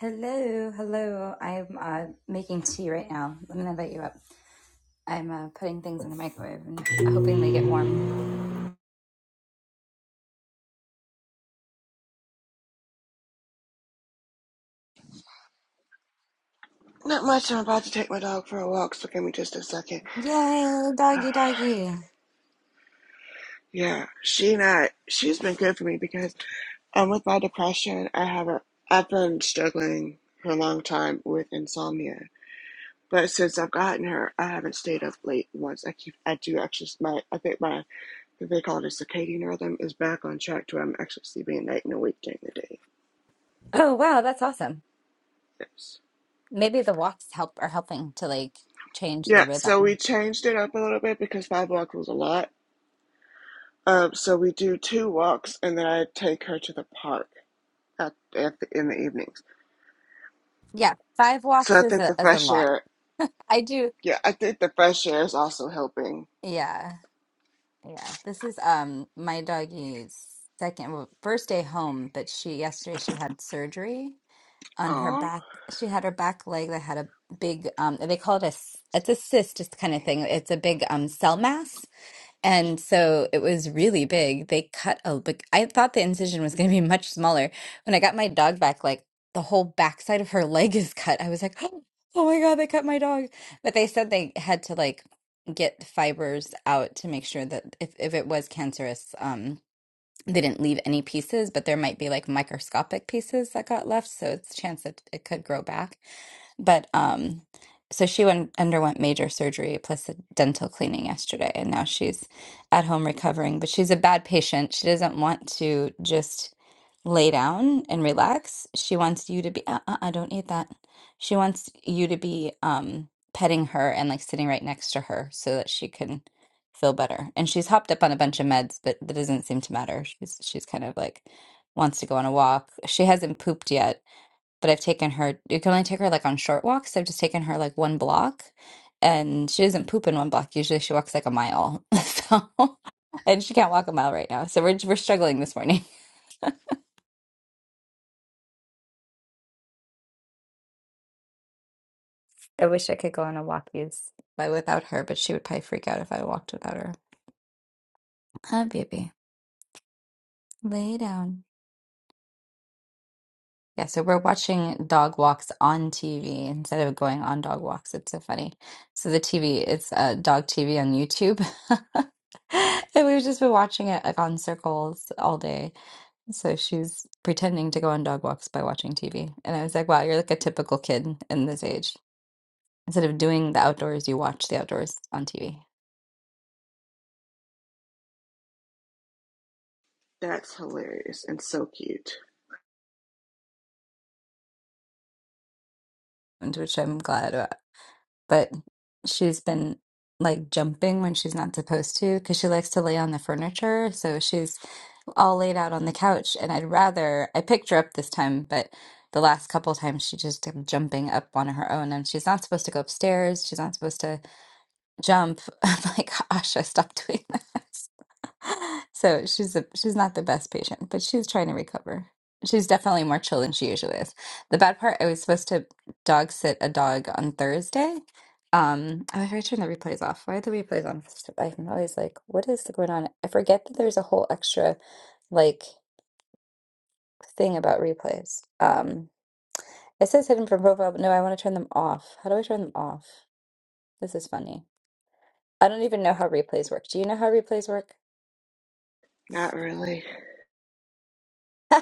Hello, hello. I'm uh, making tea right now. Let me invite you up. I'm uh, putting things in the microwave and hoping they get warm. Not much. I'm about to take my dog for a walk, so give me just a second. Yay, doggy, doggy. Yeah, she not. She's been good for me because um, with my depression, I have a. I've been struggling for a long time with insomnia, but since I've gotten her, I haven't stayed up late once. I keep. I do actually. My. I think my. what They call it a circadian rhythm is back on track to where I'm actually sleeping at night and awake during the day. Oh, wow, that's awesome. Yes. Maybe the walks help are helping to like change the Yeah. So we rhythm. changed it up a little bit because five walks was a lot. Um. So we do two walks, and then I take her to the park at, at the, in the evenings. Yeah, five So walks I is think a the is a fresh lot. air, I do. yeah, I think the fresh air is also helping. Yeah, yeah. This is um my doggy's second well, first day home, but she yesterday she had surgery on her Oh, back. She had her back leg that had a big um they call it a s- it's a cyst just kind of thing. It's a big um cell mass. And so it was really big. They cut a big I thought the incision was going to be much smaller. When I got my dog back like the whole backside of her leg is cut. I was like, "Oh, oh my God, they cut my dog." But they said they had to like get fibers out to make sure that if if it was cancerous, um, they didn't leave any pieces, but there might be like microscopic pieces that got left, so it's a chance that it could grow back. But um, so she went underwent major surgery plus a dental cleaning yesterday, and now she's at home recovering. But she's a bad patient. She doesn't want to just lay down and relax. She wants you to be, uh, uh, uh, don't eat that. She wants you to be um, petting her and like sitting right next to her so that she can feel better. And she's hopped up on a bunch of meds, but that doesn't seem to matter. She's she's kind of like wants to go on a walk. She hasn't pooped yet, but I've taken her. You can only take her like on short walks. I've just taken her like one block, and she doesn't poop in one block. Usually she walks like a mile. So, and she can't walk a mile right now. So we're we're struggling this morning. I wish I could go on a walkies by without her, but she would probably freak out if I walked without her. Hi, baby. Lay down. Yeah, so we're watching dog walks on TV instead of going on dog walks. It's so funny. So the TV, it's uh, dog TV on YouTube. And we've just been watching it like on circles all day. So she's pretending to go on dog walks by watching TV. And I was like, wow, you're like a typical kid in this age. Instead of doing the outdoors, you watch the outdoors on TV, that's hilarious and so cute. and which I'm glad about. But she's been like jumping when she's not supposed to because she likes to lay on the furniture. So she's all laid out on the couch, and I'd rather I picked her up this time, but the last couple times she just kept jumping up on her own, and she's not supposed to go upstairs. She's not supposed to jump. I'm like, gosh, I stopped doing that. So she's a, she's not the best patient, but she's trying to recover. She's definitely more chill than she usually is. The bad part, I was supposed to dog sit a dog on Thursday. Um, oh, if I turn the replays off, why are the replays on? I'm always like, what is going on? I forget that there's a whole extra like thing about replays. Um, it says hidden from profile, but no, I want to turn them off. How do I turn them off? This is funny. I don't even know how replays work. Do you know how replays work? Not really.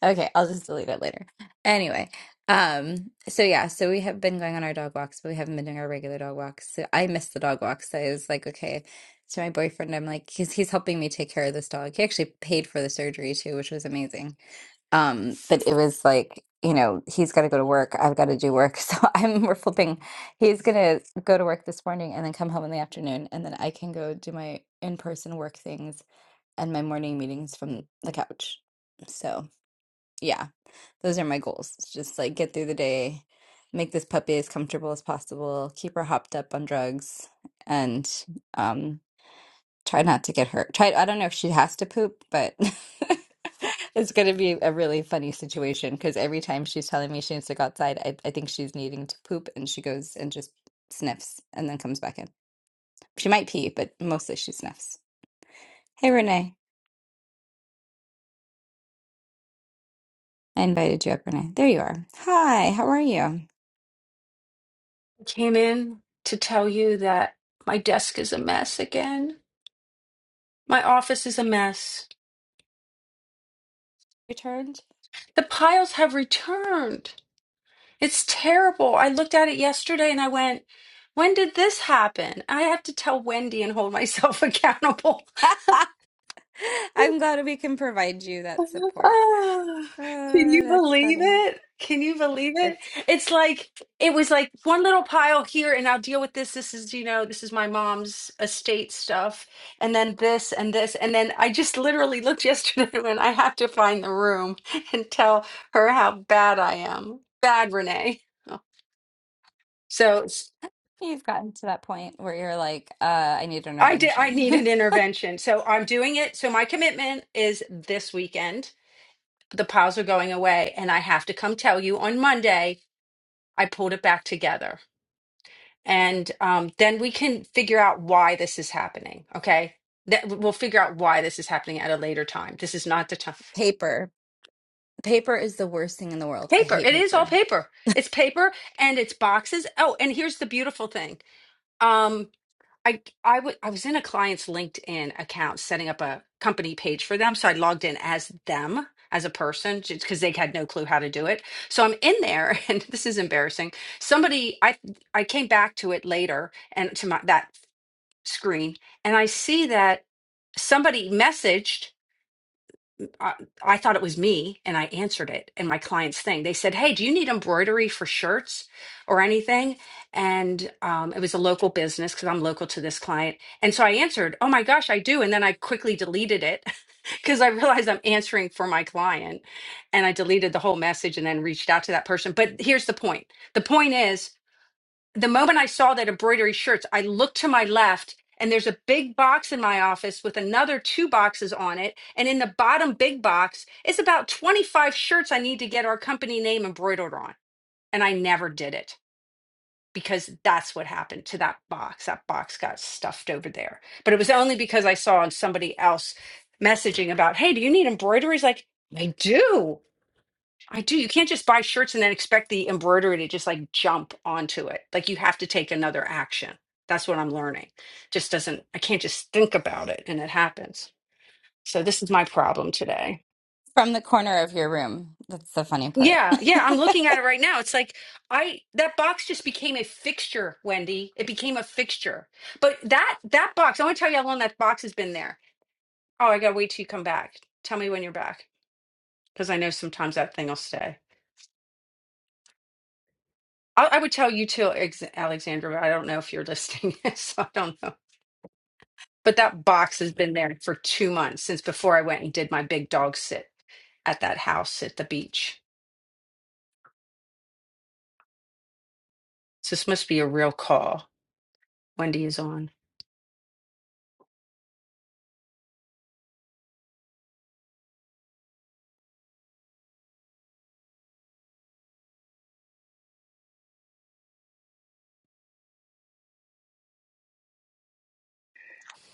Okay, I'll just delete it later. Anyway, um, so yeah, so we have been going on our dog walks, but we haven't been doing our regular dog walks. So I missed the dog walks. So I was like, okay, to my boyfriend, I'm like, he's he's helping me take care of this dog. He actually paid for the surgery too, which was amazing. Um, but it was like, you know, he's got to go to work. I've got to do work. So I'm we're flipping. He's gonna go to work this morning and then come home in the afternoon, and then I can go do my in-person work things and my morning meetings from the couch. So yeah, those are my goals. It's just like get through the day, make this puppy as comfortable as possible, keep her hopped up on drugs, and um, try not to get hurt. Try, I don't know if she has to poop, but it's going to be a really funny situation because every time she's telling me she needs to go outside, I, I think she's needing to poop and she goes and just sniffs and then comes back in. She might pee, but mostly she sniffs. Hey, Renee. I invited you up, Renee. There you are. Hi, how are you? came in to tell you that my desk is a mess again. My office is a mess. Returned? The piles have returned. It's terrible. I looked at it yesterday and I went, when did this happen? I have to tell Wendy and hold myself accountable I'm glad we can provide you that support. Ah, can Oh, you that's believe funny. it? Can you believe it? It's It's like it was like one little pile here, and I'll deal with this. This is, you know, this is my mom's estate stuff, and then this and this, and then I just literally looked yesterday when I have to find the room and tell her how bad I am. Bad Renee. Oh, So s- you've gotten to that point where you're like, uh, I need an I did I intervention. need an intervention. So I'm doing it. So my commitment is this weekend. The piles are going away and I have to come tell you on Monday I pulled it back together. And um, then we can figure out why this is happening. Okay. That we'll figure out why this is happening at a later time. This is not the time. Paper. Paper is the worst thing in the world. I Paper. hate It is all paper. paper. It's paper and it's boxes. Oh, and here's the beautiful thing. Um, I I wa- I was in a client's LinkedIn account setting up a company page for them. So I logged in as them as a person because they had no clue how to do it. So I'm in there and this is embarrassing. Somebody I I came back to it later and to my that screen and I see that somebody messaged. I, I thought it was me and I answered it in my client's thing. They said, Hey, do you need embroidery for shirts or anything? And um, it was a local business because I'm local to this client. And so I answered, Oh my gosh, I do. And then I quickly deleted it because I realized I'm answering for my client. And I deleted the whole message and then reached out to that person. But here's the point the point is, the moment I saw that embroidery shirts, I looked to my left and there's a big box in my office with another two boxes on it. And in the bottom big box is about 25 shirts I need to get our company name embroidered on. And I never did it because that's what happened to that box. That box got stuffed over there. But it was only because I saw on somebody else messaging about, hey, do you need embroideries? Like, I do. I do. You can't just buy shirts and then expect the embroidery to just like jump onto it. Like you have to take another action. That's what I'm learning. Just doesn't, I can't just think about it and it happens. So this is my problem today. From the corner of your room. That's the funny part. Yeah, yeah, I'm looking at it right now. It's like I that box just became a fixture, Wendy. It became a fixture. But that that box, I want to tell you how long that box has been there. Oh, I gotta wait till you come back. Tell me when you're back because I know sometimes that thing will stay. I, I would tell you too, Ex- Alexandra, but I don't know if you're listening, so I don't know. But that box has been there for two months since before I went and did my big dog sit at that house at the beach. So this must be a real call. Wendy is on.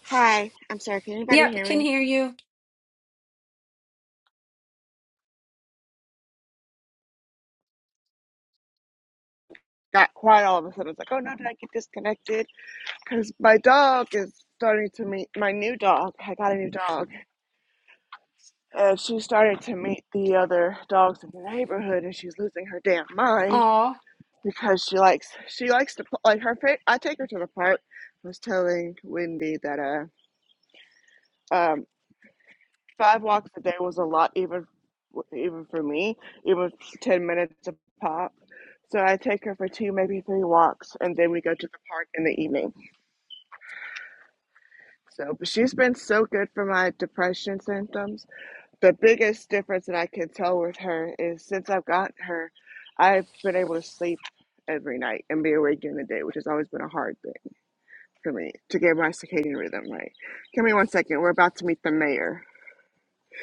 Hi, I'm sorry. Can anybody Yep, hear can me? hear you. Got quiet all of a sudden. I was like, oh no, did I get disconnected? Because my dog is starting to meet my new dog. I got a new dog. And she started to meet the other dogs in the neighborhood, and she's losing her damn mind Aw, because she likes she likes to pl- like her fa I take her to the park. I was telling Wendy that uh um five walks a day was a lot even even for me even ten minutes a pop. So I take her for two maybe three walks and then we go to the park in the evening. So but she's been so good for my depression symptoms. The biggest difference that I can tell with her is since I've gotten her, I've been able to sleep every night and be awake during the day, which has always been a hard thing. for me to get my circadian rhythm right. Give me one second. We're about to meet the mayor.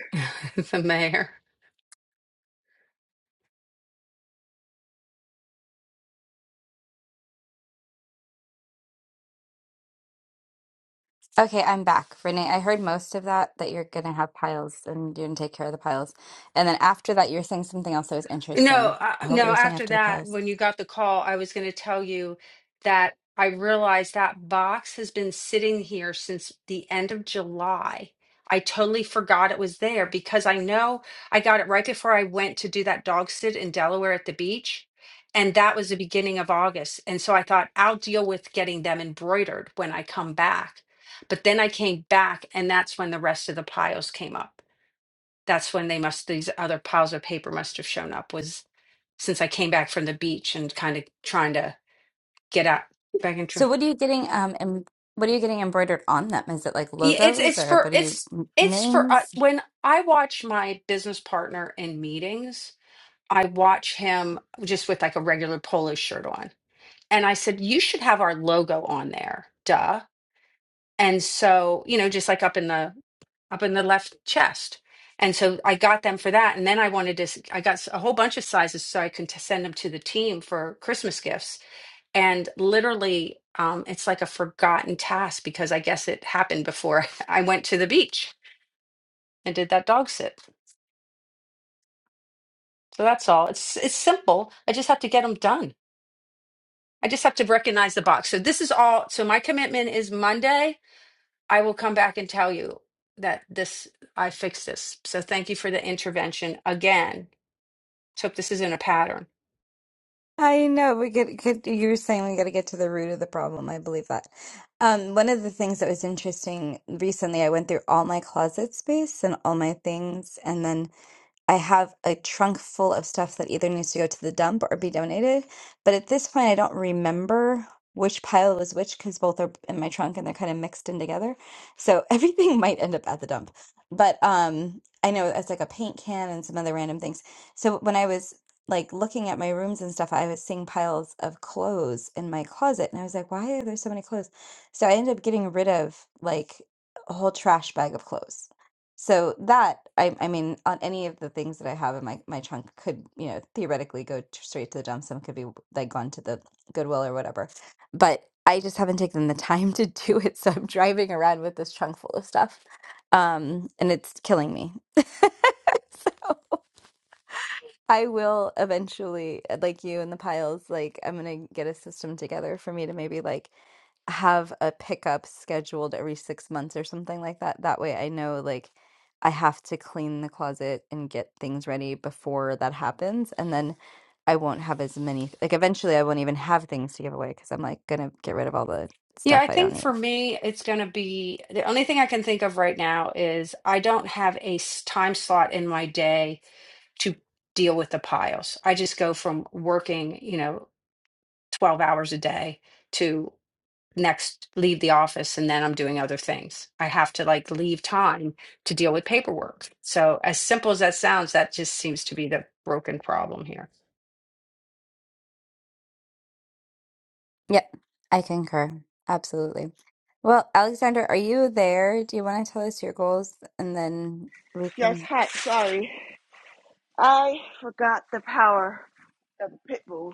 the mayor. Okay, I'm back. Renee, I heard most of that, that you're gonna have piles and you're gonna take care of the piles. And then after that, you're saying something else that was interesting. No, uh, Oh, what were no, you saying after after the that, piles? when you got the call, I was going to tell you that I realized that box has been sitting here since the end of July. I totally forgot it was there because I know I got it right before I went to do that dog sit in Delaware at the beach. And that was the beginning of August. And so I thought I'll deal with getting them embroidered when I come back. But then I came back, and that's when the rest of the piles came up. That's when they must, these other piles of paper must have shown up, was since I came back from the beach and kind of trying to get out back into So what are you getting um em what are you getting embroidered on them? Is it like Yeah, it's logos it's or for what are you it's m- it's for uh, names? when I watch my business partner in meetings, I watch him just with like a regular polo shirt on. And I said, "You should have our logo on there." Duh. And so, you know, just like up in the up in the left chest. And so I got them for that. And then I wanted to, s- I got s- a whole bunch of sizes so I could t- send them to the team for Christmas gifts and literally um, it's like a forgotten task because i guess it happened before i went to the beach and did that dog sit so that's all it's it's simple i just have to get them done i just have to recognize the box so this is all so my commitment is monday i will come back and tell you that this i fixed this so thank you for the intervention again so if this isn't a pattern I know we could, could you were saying we got to get to the root of the problem. I believe that. Um, one of the things that was interesting recently, I went through all my closet space and all my things, and then I have a trunk full of stuff that either needs to go to the dump or be donated. But at this point, I don't remember which pile was which because both are in my trunk and they're kind of mixed in together. So everything might end up at the dump. But um, I know it's like a paint can and some other random things. So when I was like looking at my rooms and stuff, I was seeing piles of clothes in my closet. And I was like, why are there so many clothes? So I ended up getting rid of like a whole trash bag of clothes so that I, I mean, on any of the things that I have in my my trunk could, you know, theoretically go t- straight to the dump. Some could be like gone to the Goodwill or whatever. But I just haven't taken the time to do it, so I'm driving around with this trunk full of stuff, um, and it's killing me. I will eventually, uh, like you and the piles, like I'm gonna get a system together for me to maybe like have a pickup scheduled every six months or something like that. That way I know like I have to clean the closet and get things ready before that happens. And then I won't have as many, like eventually I won't even have things to give away because I'm like gonna get rid of all the yeah stuff i I don't think need. for me it's going to be the only thing i can think of right now is i don't have a s- time slot in my day to deal with the piles. I just go from working, you know, 12 hours a day to next leave the office and then I'm doing other things. I have to like leave time to deal with paperwork. So, as simple as that sounds, that just seems to be the broken problem here. Yep, I concur. Absolutely. Well, Alexander, are you there? Do you want to tell us your goals and then we Yes, can? hi. Sorry. I forgot the power of a pit bull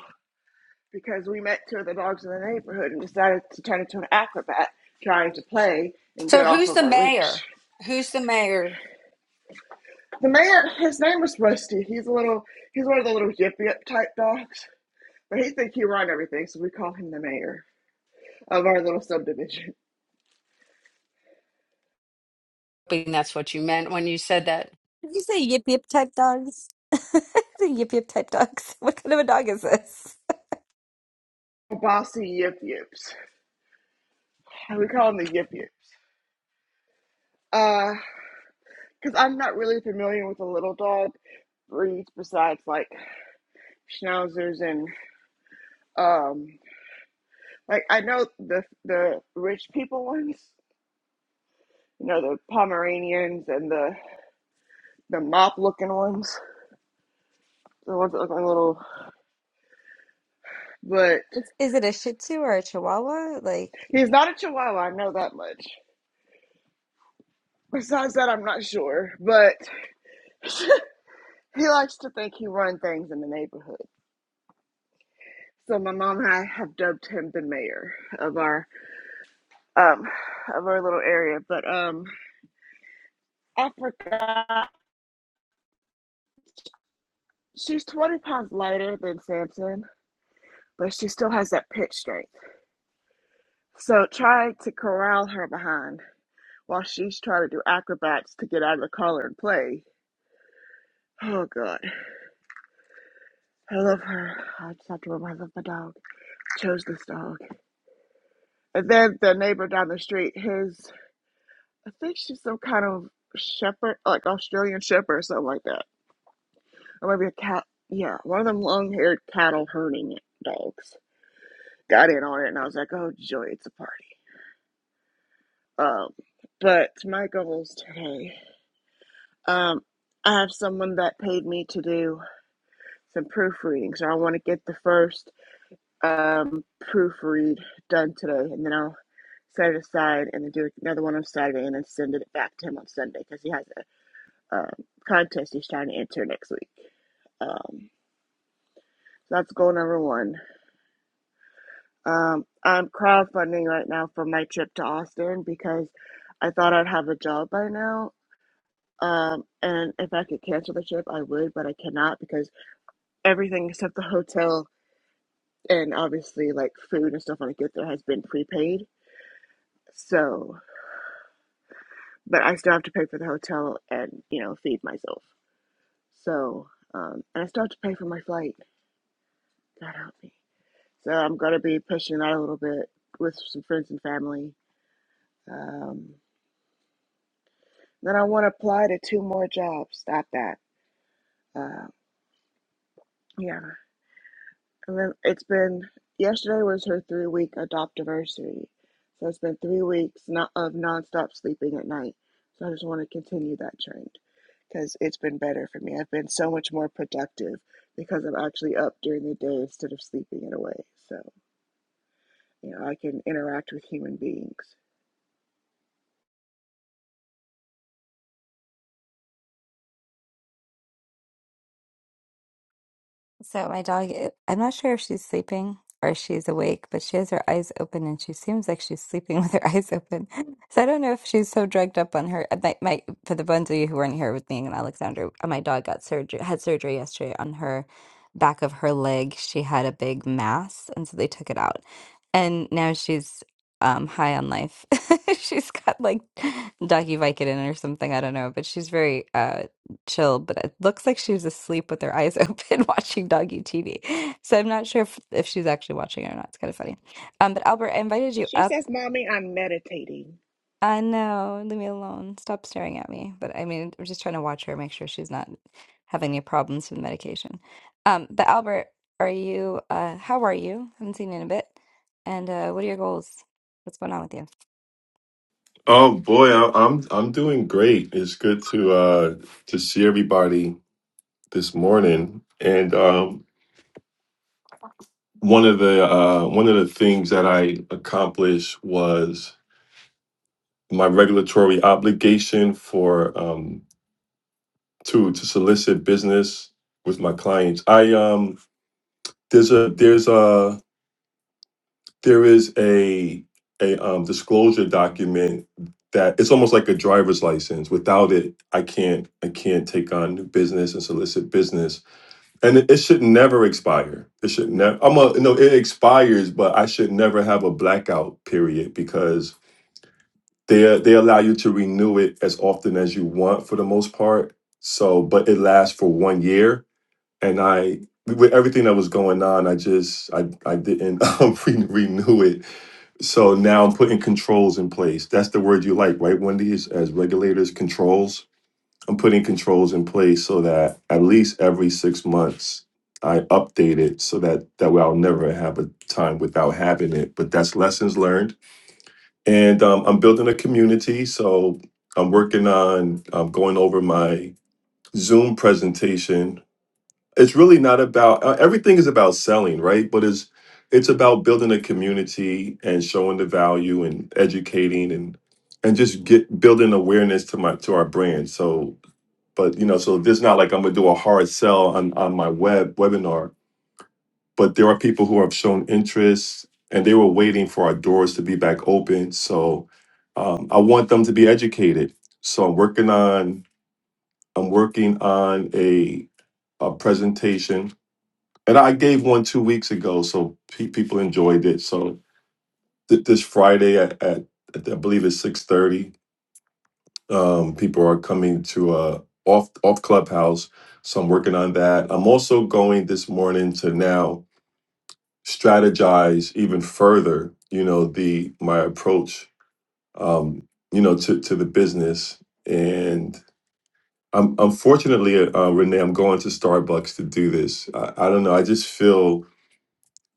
because we met two of the dogs in the neighborhood and decided to turn into an acrobat trying to play and So, get off who's of the our leash. mayor? Who's the mayor? The mayor, his name was Rusty. He's a little, he's one of the little yip yip type dogs, but he think he run everything, so we call him the mayor of our little subdivision. I think that's what you meant when you said that. Did you say yip yip type dogs? the yip yip type dogs. What kind of a dog is this? Bossy yip yips. We call him the yip yips. Uh. Because I'm not really familiar with the little dog breeds besides like schnauzers and um like I know the the rich people ones, you know the Pomeranians and the the mop looking ones, the ones that look like little. But Is it a Shih Tzu or a Chihuahua? Like, he's not a Chihuahua. I know that much. Besides that, I'm not sure. But he likes to think he runs things in the neighborhood. So my mom and I have dubbed him the mayor of our um of our little area. But um I forgot. She's 20 pounds lighter than Samson, but she still has that pitch strength. So trying to corral her behind while she's trying to do acrobats to get out of the collar and play. Oh god, I love her. I just have to remember I love my dog. Chose this dog. And then the neighbor down the street, his, I think she's some kind of shepherd, like Australian shepherd or something like that. Or maybe a cat. Yeah, one of them long haired cattle herding dogs. Got in on it and I was like, oh joy, it's a party. Um, but my goals today, um, I have someone that paid me to do some proofreading, so I want to get the first um, proofread done today, and then I'll set it aside and then do another one on Saturday, and then send it back to him on Sunday because he has a um, contest he's trying to enter next week. Um, so that's goal number one. Um, I'm crowdfunding right now for my trip to Austin because I thought I'd have a job by now, Um, and if I could cancel the trip, I would, but I cannot because everything except the hotel and obviously like food and stuff when I get there has been prepaid. So, but I still have to pay for the hotel and, you know, feed myself. So, um, and I still have to pay for my flight. God help me. So I'm going to be pushing that a little bit with some friends and family. Um, then I want to apply to two more jobs. Stop that. Uh, yeah, And then it's been yesterday was her three week adoptiversary. So it's been three weeks not, of nonstop sleeping at night. So I just want to continue that trend because it's been better for me. I've been so much more productive because I'm actually up during the day instead of sleeping it away. So, you know, I can interact with human beings. So my dog, i- I'm not sure if she's sleeping or if she's awake, but she has her eyes open and she seems like she's sleeping with her eyes open. So I don't know if she's so drugged up on her. uh, My, my, for the ones of you who weren't here with me and Alexander, uh, my dog got surgery, had surgery yesterday on her back of her leg. She had a big mass, and so they took it out, and now she's um high on life. She's got like doggy Vicodin or something. I don't know, but she's very uh chill, but it looks like she was asleep with her eyes open watching doggy TV. So I'm not sure if, if she's actually watching it or not. It's kind of funny. Um, but Albert, I invited you She up. says, Mommy, I'm meditating. I know, leave me alone. Stop staring at me. But I mean, I'm just trying to watch her, make sure she's not having any problems with medication. Um, but Albert, are you, uh, how are you? Haven't seen you in a bit. And uh, what are your goals? What's going on with you? Oh boy, I- I'm I'm doing great. It's good to uh to see everybody this morning. And um one of the uh one of the things that I accomplished was my regulatory obligation for um to to solicit business with my clients. I um there's a there's a there is a a um, disclosure document that it's almost like a driver's license. Without it, I can't I can't take on new business and solicit business. And it, it should never expire. It should never. I'm a no. It expires, but I should never have a blackout period because they they allow you to renew it as often as you want for the most part. So, but it lasts for one year, and I with everything that was going on, I just I I didn't um, re- renew it so now I'm putting controls in place. That's the word you like, right, Wendy? Is as regulators, controls. I'm putting controls in place so that at least every six months I update it so that that way I'll never have a time without having it. But that's lessons learned. And um, I'm building a community. So I'm working on um, going over my Zoom presentation it's really not about uh, everything is about selling right but it's it's about building a community and showing the value and educating and and just get building awareness to my to our brand so but you know so this not like i'm gonna do a hard sell on on my web webinar but there are people who have shown interest and they were waiting for our doors to be back open so um, i want them to be educated so i'm working on i'm working on a a presentation and I gave one two weeks ago, so pe- people enjoyed it. So th- this Friday at, at, at I believe it's six thirty, um, people are coming to uh, off off Clubhouse. So I'm working on that. I'm also going this morning to now strategize even further. You know the my approach, um, you know to to the business, and I'm unfortunately, uh, Renee, I'm going to Starbucks to do this. I, I don't know. I just feel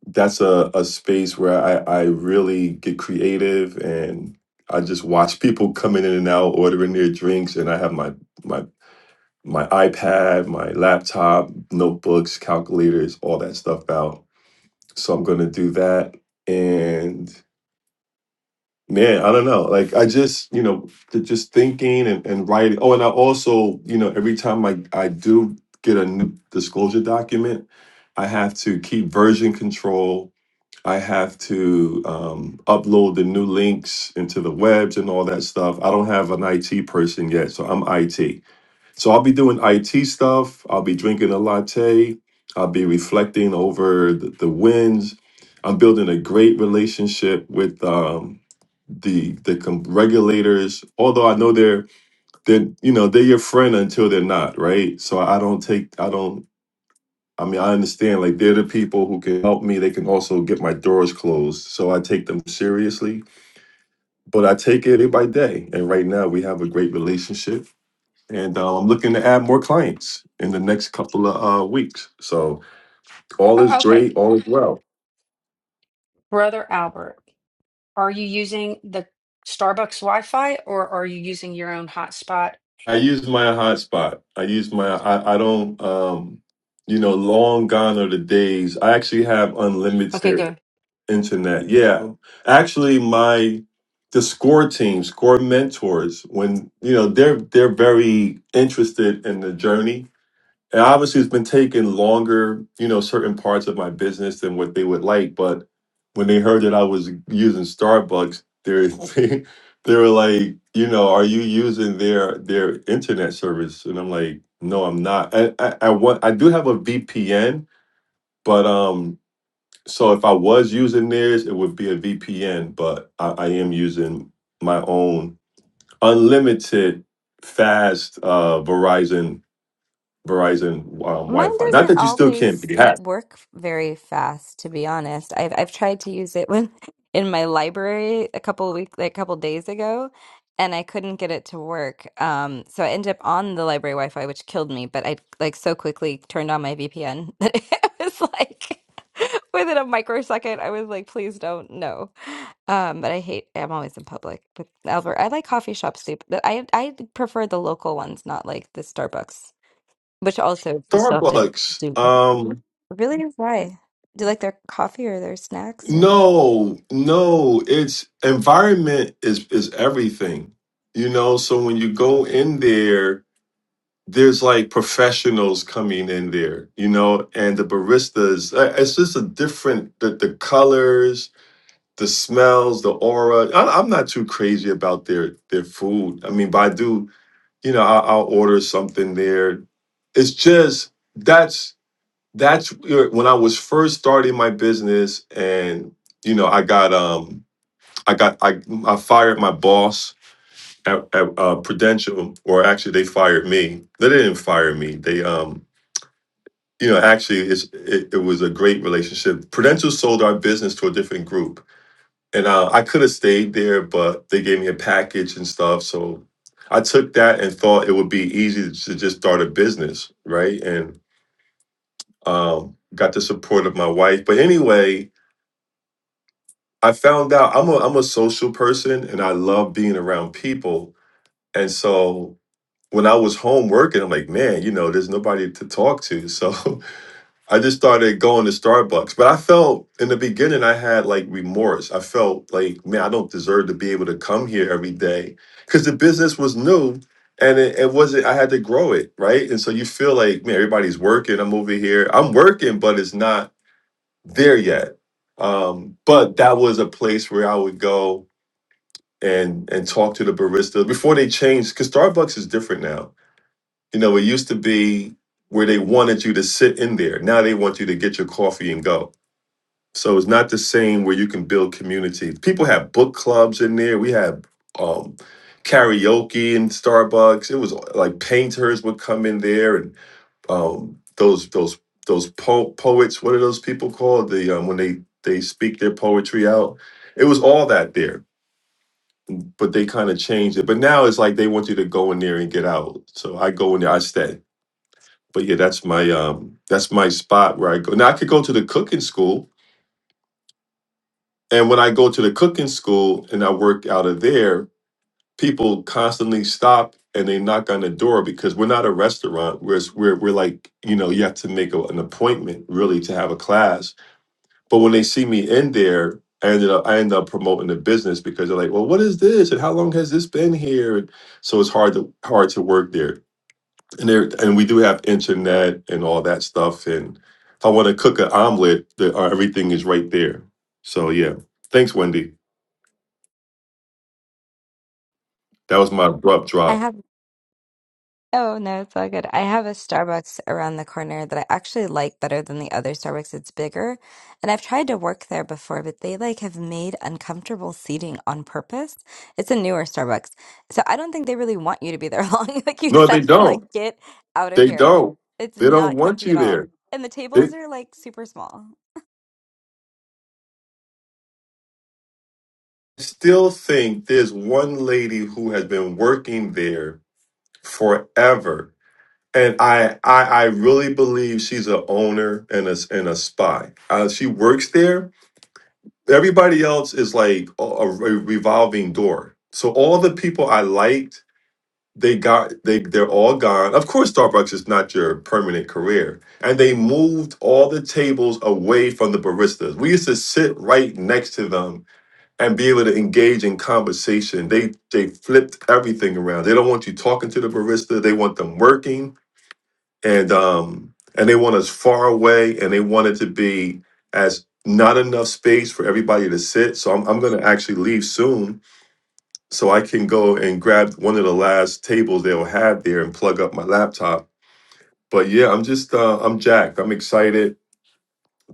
that's a, a space where I, I really get creative and I just watch people coming in and out, ordering their drinks, and I have my my my iPad, my laptop, notebooks, calculators, all that stuff out. So I'm gonna do that. And man, I don't know. Like I just, you know, th- just thinking and, and writing. Oh, and I also, you know, every time I, I do get a new disclosure document, I have to keep version control I have to um, upload the new links into the webs and all that stuff. I don't have an IT person yet, so I'm IT. So I'll be doing IT stuff. I'll be drinking a latte. I'll be reflecting over the, the wins. I'm building a great relationship with um, the the com- regulators. Although I know they're they're you know they're your friend until they're not, right? So I don't take I don't I mean, I understand like they're the people who can help me. They can also get my doors closed. So I take them seriously, but I take it day by day. And right now we have a great relationship. And uh, I'm looking to add more clients in the next couple of uh, weeks. So all is O- Okay, great, all is well. brother Albert. Are you using the Starbucks Wi-Fi or are you using your own hotspot? I use my hotspot. I use my, I, I don't, um, you know, long gone are the days. I actually have Okay, unlimited. good. internet. Yeah, actually, my the score team, score mentors, when you know they're they're very interested in the journey. And obviously, it's been taking longer, you know, certain parts of my business than what they would like. But when they heard that I was using Starbucks, they're, they they were like, you know, are you using their their internet service? And I'm like, no, I'm not. I I, I want I do have a VPN, but um so if I was using theirs, it would be a VPN, but I, I am using my own unlimited fast uh, Verizon Verizon um, Mine Wi-Fi. Not doesn't that you still can't always be y- hacked. work very fast, to be honest. I've I've tried to use it when in my library a couple of week like a couple days ago, and I couldn't get it to work. Um, so I ended up on the library Wi-Fi, which killed me. But I like so quickly turned on my VPN that it was like within a microsecond. I was like, please don't, no. Um, but I hate. I'm always in public. But Albert, I like coffee shops too. But I I prefer the local ones, not like the Starbucks. Which also we still have to Starbucks. do. Um, Really? Why? Do you like their coffee or their snacks or? no, no. It's environment is is everything. You know. So when you go in there, there's like professionals coming in there. You know, and the baristas. uh, It's just a different the the colors the smells, the aura. I, I'm not too crazy about their their food. I mean, but I do, you know, I, I'll order something there. It's just that's that's where- when I was first starting my business, and you know, I got um, I got I I fired my boss at, at uh, Prudential, or actually they fired me. They didn't fire me. They um. You know, actually, it's, it, it was a great relationship. Prudential sold our business to a different group, and uh, I could have stayed there, but they gave me a package and stuff. So I took that and thought it would be easy to just start a business, right? And um, got the support of my wife. But anyway, I found out I'm a I'm a social person and I love being around people. And so when I was home working, I'm like, man, you know, there's nobody to talk to. So I just started going to Starbucks. But I felt in the beginning I had like remorse. I felt like, man, I don't deserve to be able to come here every day. Cause the business was new and it, it wasn't I had to grow it, right? And so you feel like, man, everybody's working. I'm over here. I'm working, but it's not there yet. Um, but that was a place where I would go and and talk to the barista before they changed because Starbucks is different now you know, it used to be where they wanted you to sit in there. Now they want you to get your coffee and go. So it's not the same where you can build community. People have book clubs in there. We had um, karaoke in Starbucks. It was like painters would come in there and um, those those those po- poets. What are those people called? The um, when they they speak their poetry out. It was all that there, but they kind of changed it. But now it's like they want you to go in there and get out. So I go in there. I stay but yeah, that's my um that's my spot where I go. Now I could go to the cooking school, and when I go to the cooking school and I work out of there, people constantly stop and they knock on the door because we're not a restaurant. We're we're we're like you know you have to make a, an appointment really to have a class. But when they see me in there. I ended up I end up promoting the business because they're like, well, what is this? And how long has this been here? And so it's hard to hard to work there. and there and we do have internet and all that stuff and if i want to cook an omelet the, uh, everything is right there so yeah thanks wendy that was my abrupt I drop have Oh, no, it's all good. I have a Starbucks around the corner that I actually like better than the other Starbucks. It's bigger, and I've tried to work there before, but they like have made uncomfortable seating on purpose. It's a newer Starbucks. So I don't think they really want you to be there long. Like you no said, they they're don't like, get out of they here. don't It's they don't not want comfy at you all. there And the they tables are like super small. still think there's one lady who has been working there forever and I, I, I really believe she's a owner and a, and a spy. Uh, she works there, everybody else is like a, a revolving door. So all the people I liked, they got they they're all gone. Of course, Starbucks is not your permanent career, and they moved all the tables away from the baristas. We used to sit right next to them and be able to engage in conversation. They they flipped everything around. They don't want you talking to the barista. They want them working and um and they want us far away and they want it to be as not enough space for everybody to sit so i'm, I'm going to actually leave soon so i can go and grab one of the last tables they'll have there and plug up my laptop but yeah i'm just uh, i'm jacked i'm excited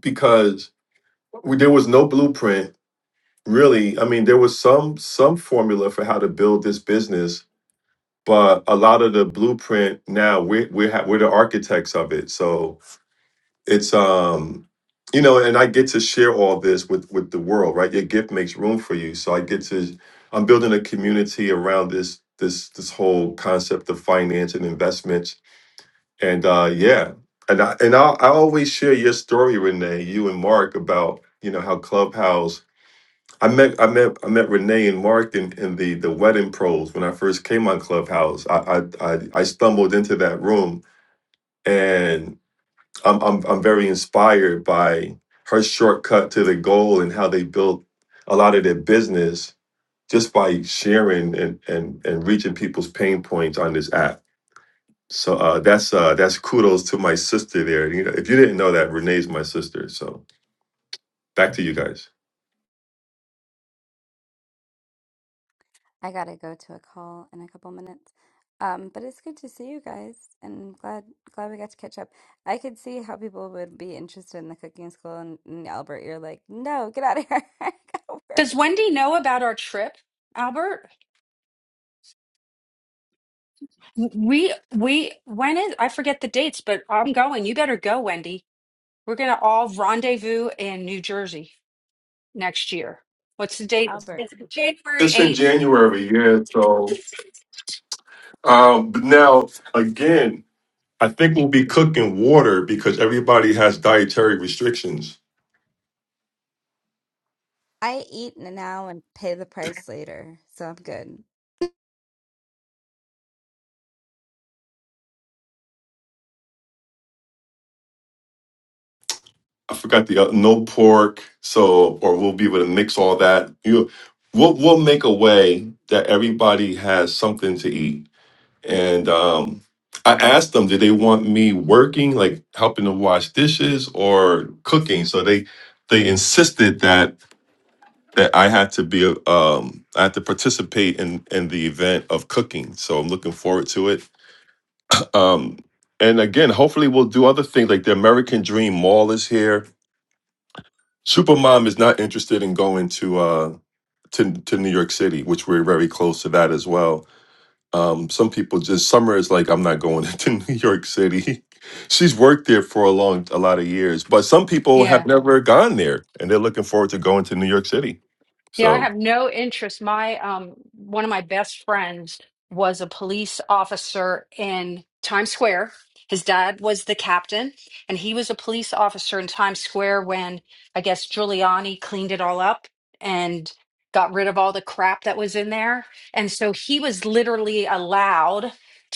because we, there was no blueprint really i mean there was some some formula for how to build this business but a lot of the blueprint now we're we're, ha- we're the architects of it so it's um you know and i get to share all this with with the world right your gift makes room for you so i get to i'm building a community around this this this whole concept of finance and investments and uh yeah and i and i, I always share your story renee you and mark about you know how clubhouse I met I met I met Renee and Mark in, in the the wedding pros when I first came on Clubhouse. I I I, I stumbled into that room and I'm I'm I'm very inspired by her shortcut to the goal and how they built a lot of their business just by sharing and and and reaching people's pain points on this app. So uh, that's uh, that's kudos to my sister there. You know, if you didn't know that, Renee's my sister. So back to you guys. I gotta go to a call in a couple minutes. Um, but it's good to see you guys, and glad glad we got to catch up. I could see how people would be interested in the cooking school, and, and Albert, you're like, no, get out of here. I gotta Does work. Wendy know about our trip, Albert? We we when is I forget the dates, but I'm going. You better go, Wendy. We're gonna all rendezvous in New Jersey next year. What's the date? Albert, It's January It's in 8th. January, yeah. So um, but now again, I think we'll be cooking water because everybody has dietary restrictions. I eat now and pay the price later, so I'm good. I forgot the uh, no pork, so or we'll be able to mix all that. You, we'll we'll make a way that everybody has something to eat. And um, I asked them, did they want me working, like helping to wash dishes or cooking? So they they insisted that that I had to be um I had to participate in in the event of cooking. So I'm looking forward to it. Um and again, hopefully we'll do other things like the American Dream Mall is here. Supermom is not interested in going to uh to to New York City, which we're very close to that as well. Um some people just summer is like I'm not going to New York City. She's worked there for a long a lot of years, but some people Yeah. have never gone there and they're looking forward to going to New York City. Yeah, So I have no interest. My um one of my best friends was a police officer in Times Square. His dad was the captain, and he was a police officer in Times Square when I guess Giuliani cleaned it all up and got rid of all the crap that was in there. And so he was literally allowed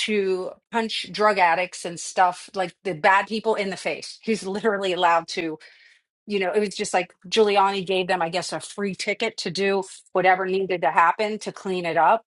to punch drug addicts and stuff like the bad people in the face. He's literally allowed to you know, it was just like Giuliani gave them, I guess, a free ticket to do whatever needed to happen to clean it up.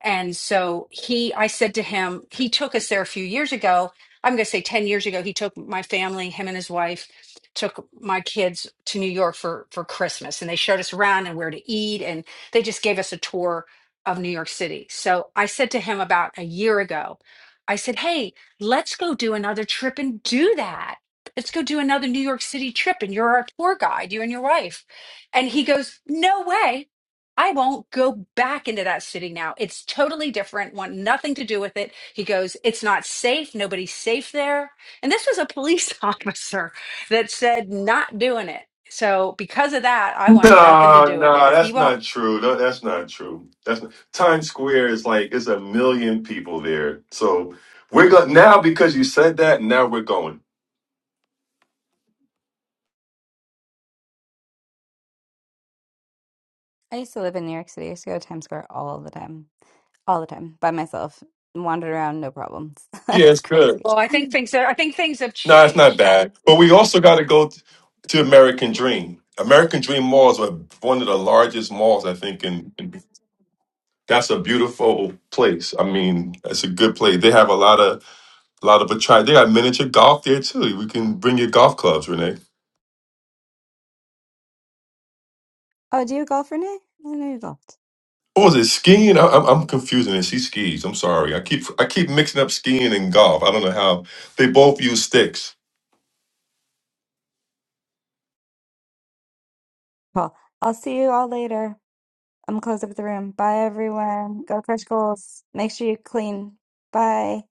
And so he, I said to him, he took us there a few years ago. I'm going to say 10 years ago, he took my family, him and his wife, took my kids to New York for, for Christmas. And they showed us around and where to eat. And they just gave us a tour of New York City. So I said to him about a year ago, I said, hey, let's go do another trip and do that. Let's go do another New York City trip. And you're our tour guide, you and your wife. And he goes, no way. I won't go back into that city now. It's totally different. Want nothing to do with it. He goes, It's not safe. Nobody's safe there. And this was a police officer that said, Not doing it. So because of that, I want nothing to No, do with it. no, If he that's won't, not true. No, that's not true. That's not, Times Square is like it's a million people there. So we're going now because you said that. Now we're going. I used to live in New York City. I used to go to Times Square all the time, all the time, by myself, and wandered around, no problems. That Yeah, was it's good. crazy. well, I think things are, I think things have No, it's not changed. bad. But we also got to go t- to American Dream. American Dream malls are one of the largest malls I think, and that's a beautiful place. I mean, it's a good place. They have a lot of a lot of attract. They got miniature golf there too. We can bring your golf clubs, Oh, do you golf, Renee? I know you golfed. What was it? Skiing? I, I'm, I'm confusing it. She skis. I'm sorry. I keep I keep mixing up skiing and golf. I don't know how they both use sticks. Cool. I'll see you all later. I'm gonna close up the room. Bye, everyone. Go crush goals. Make sure you clean. Bye.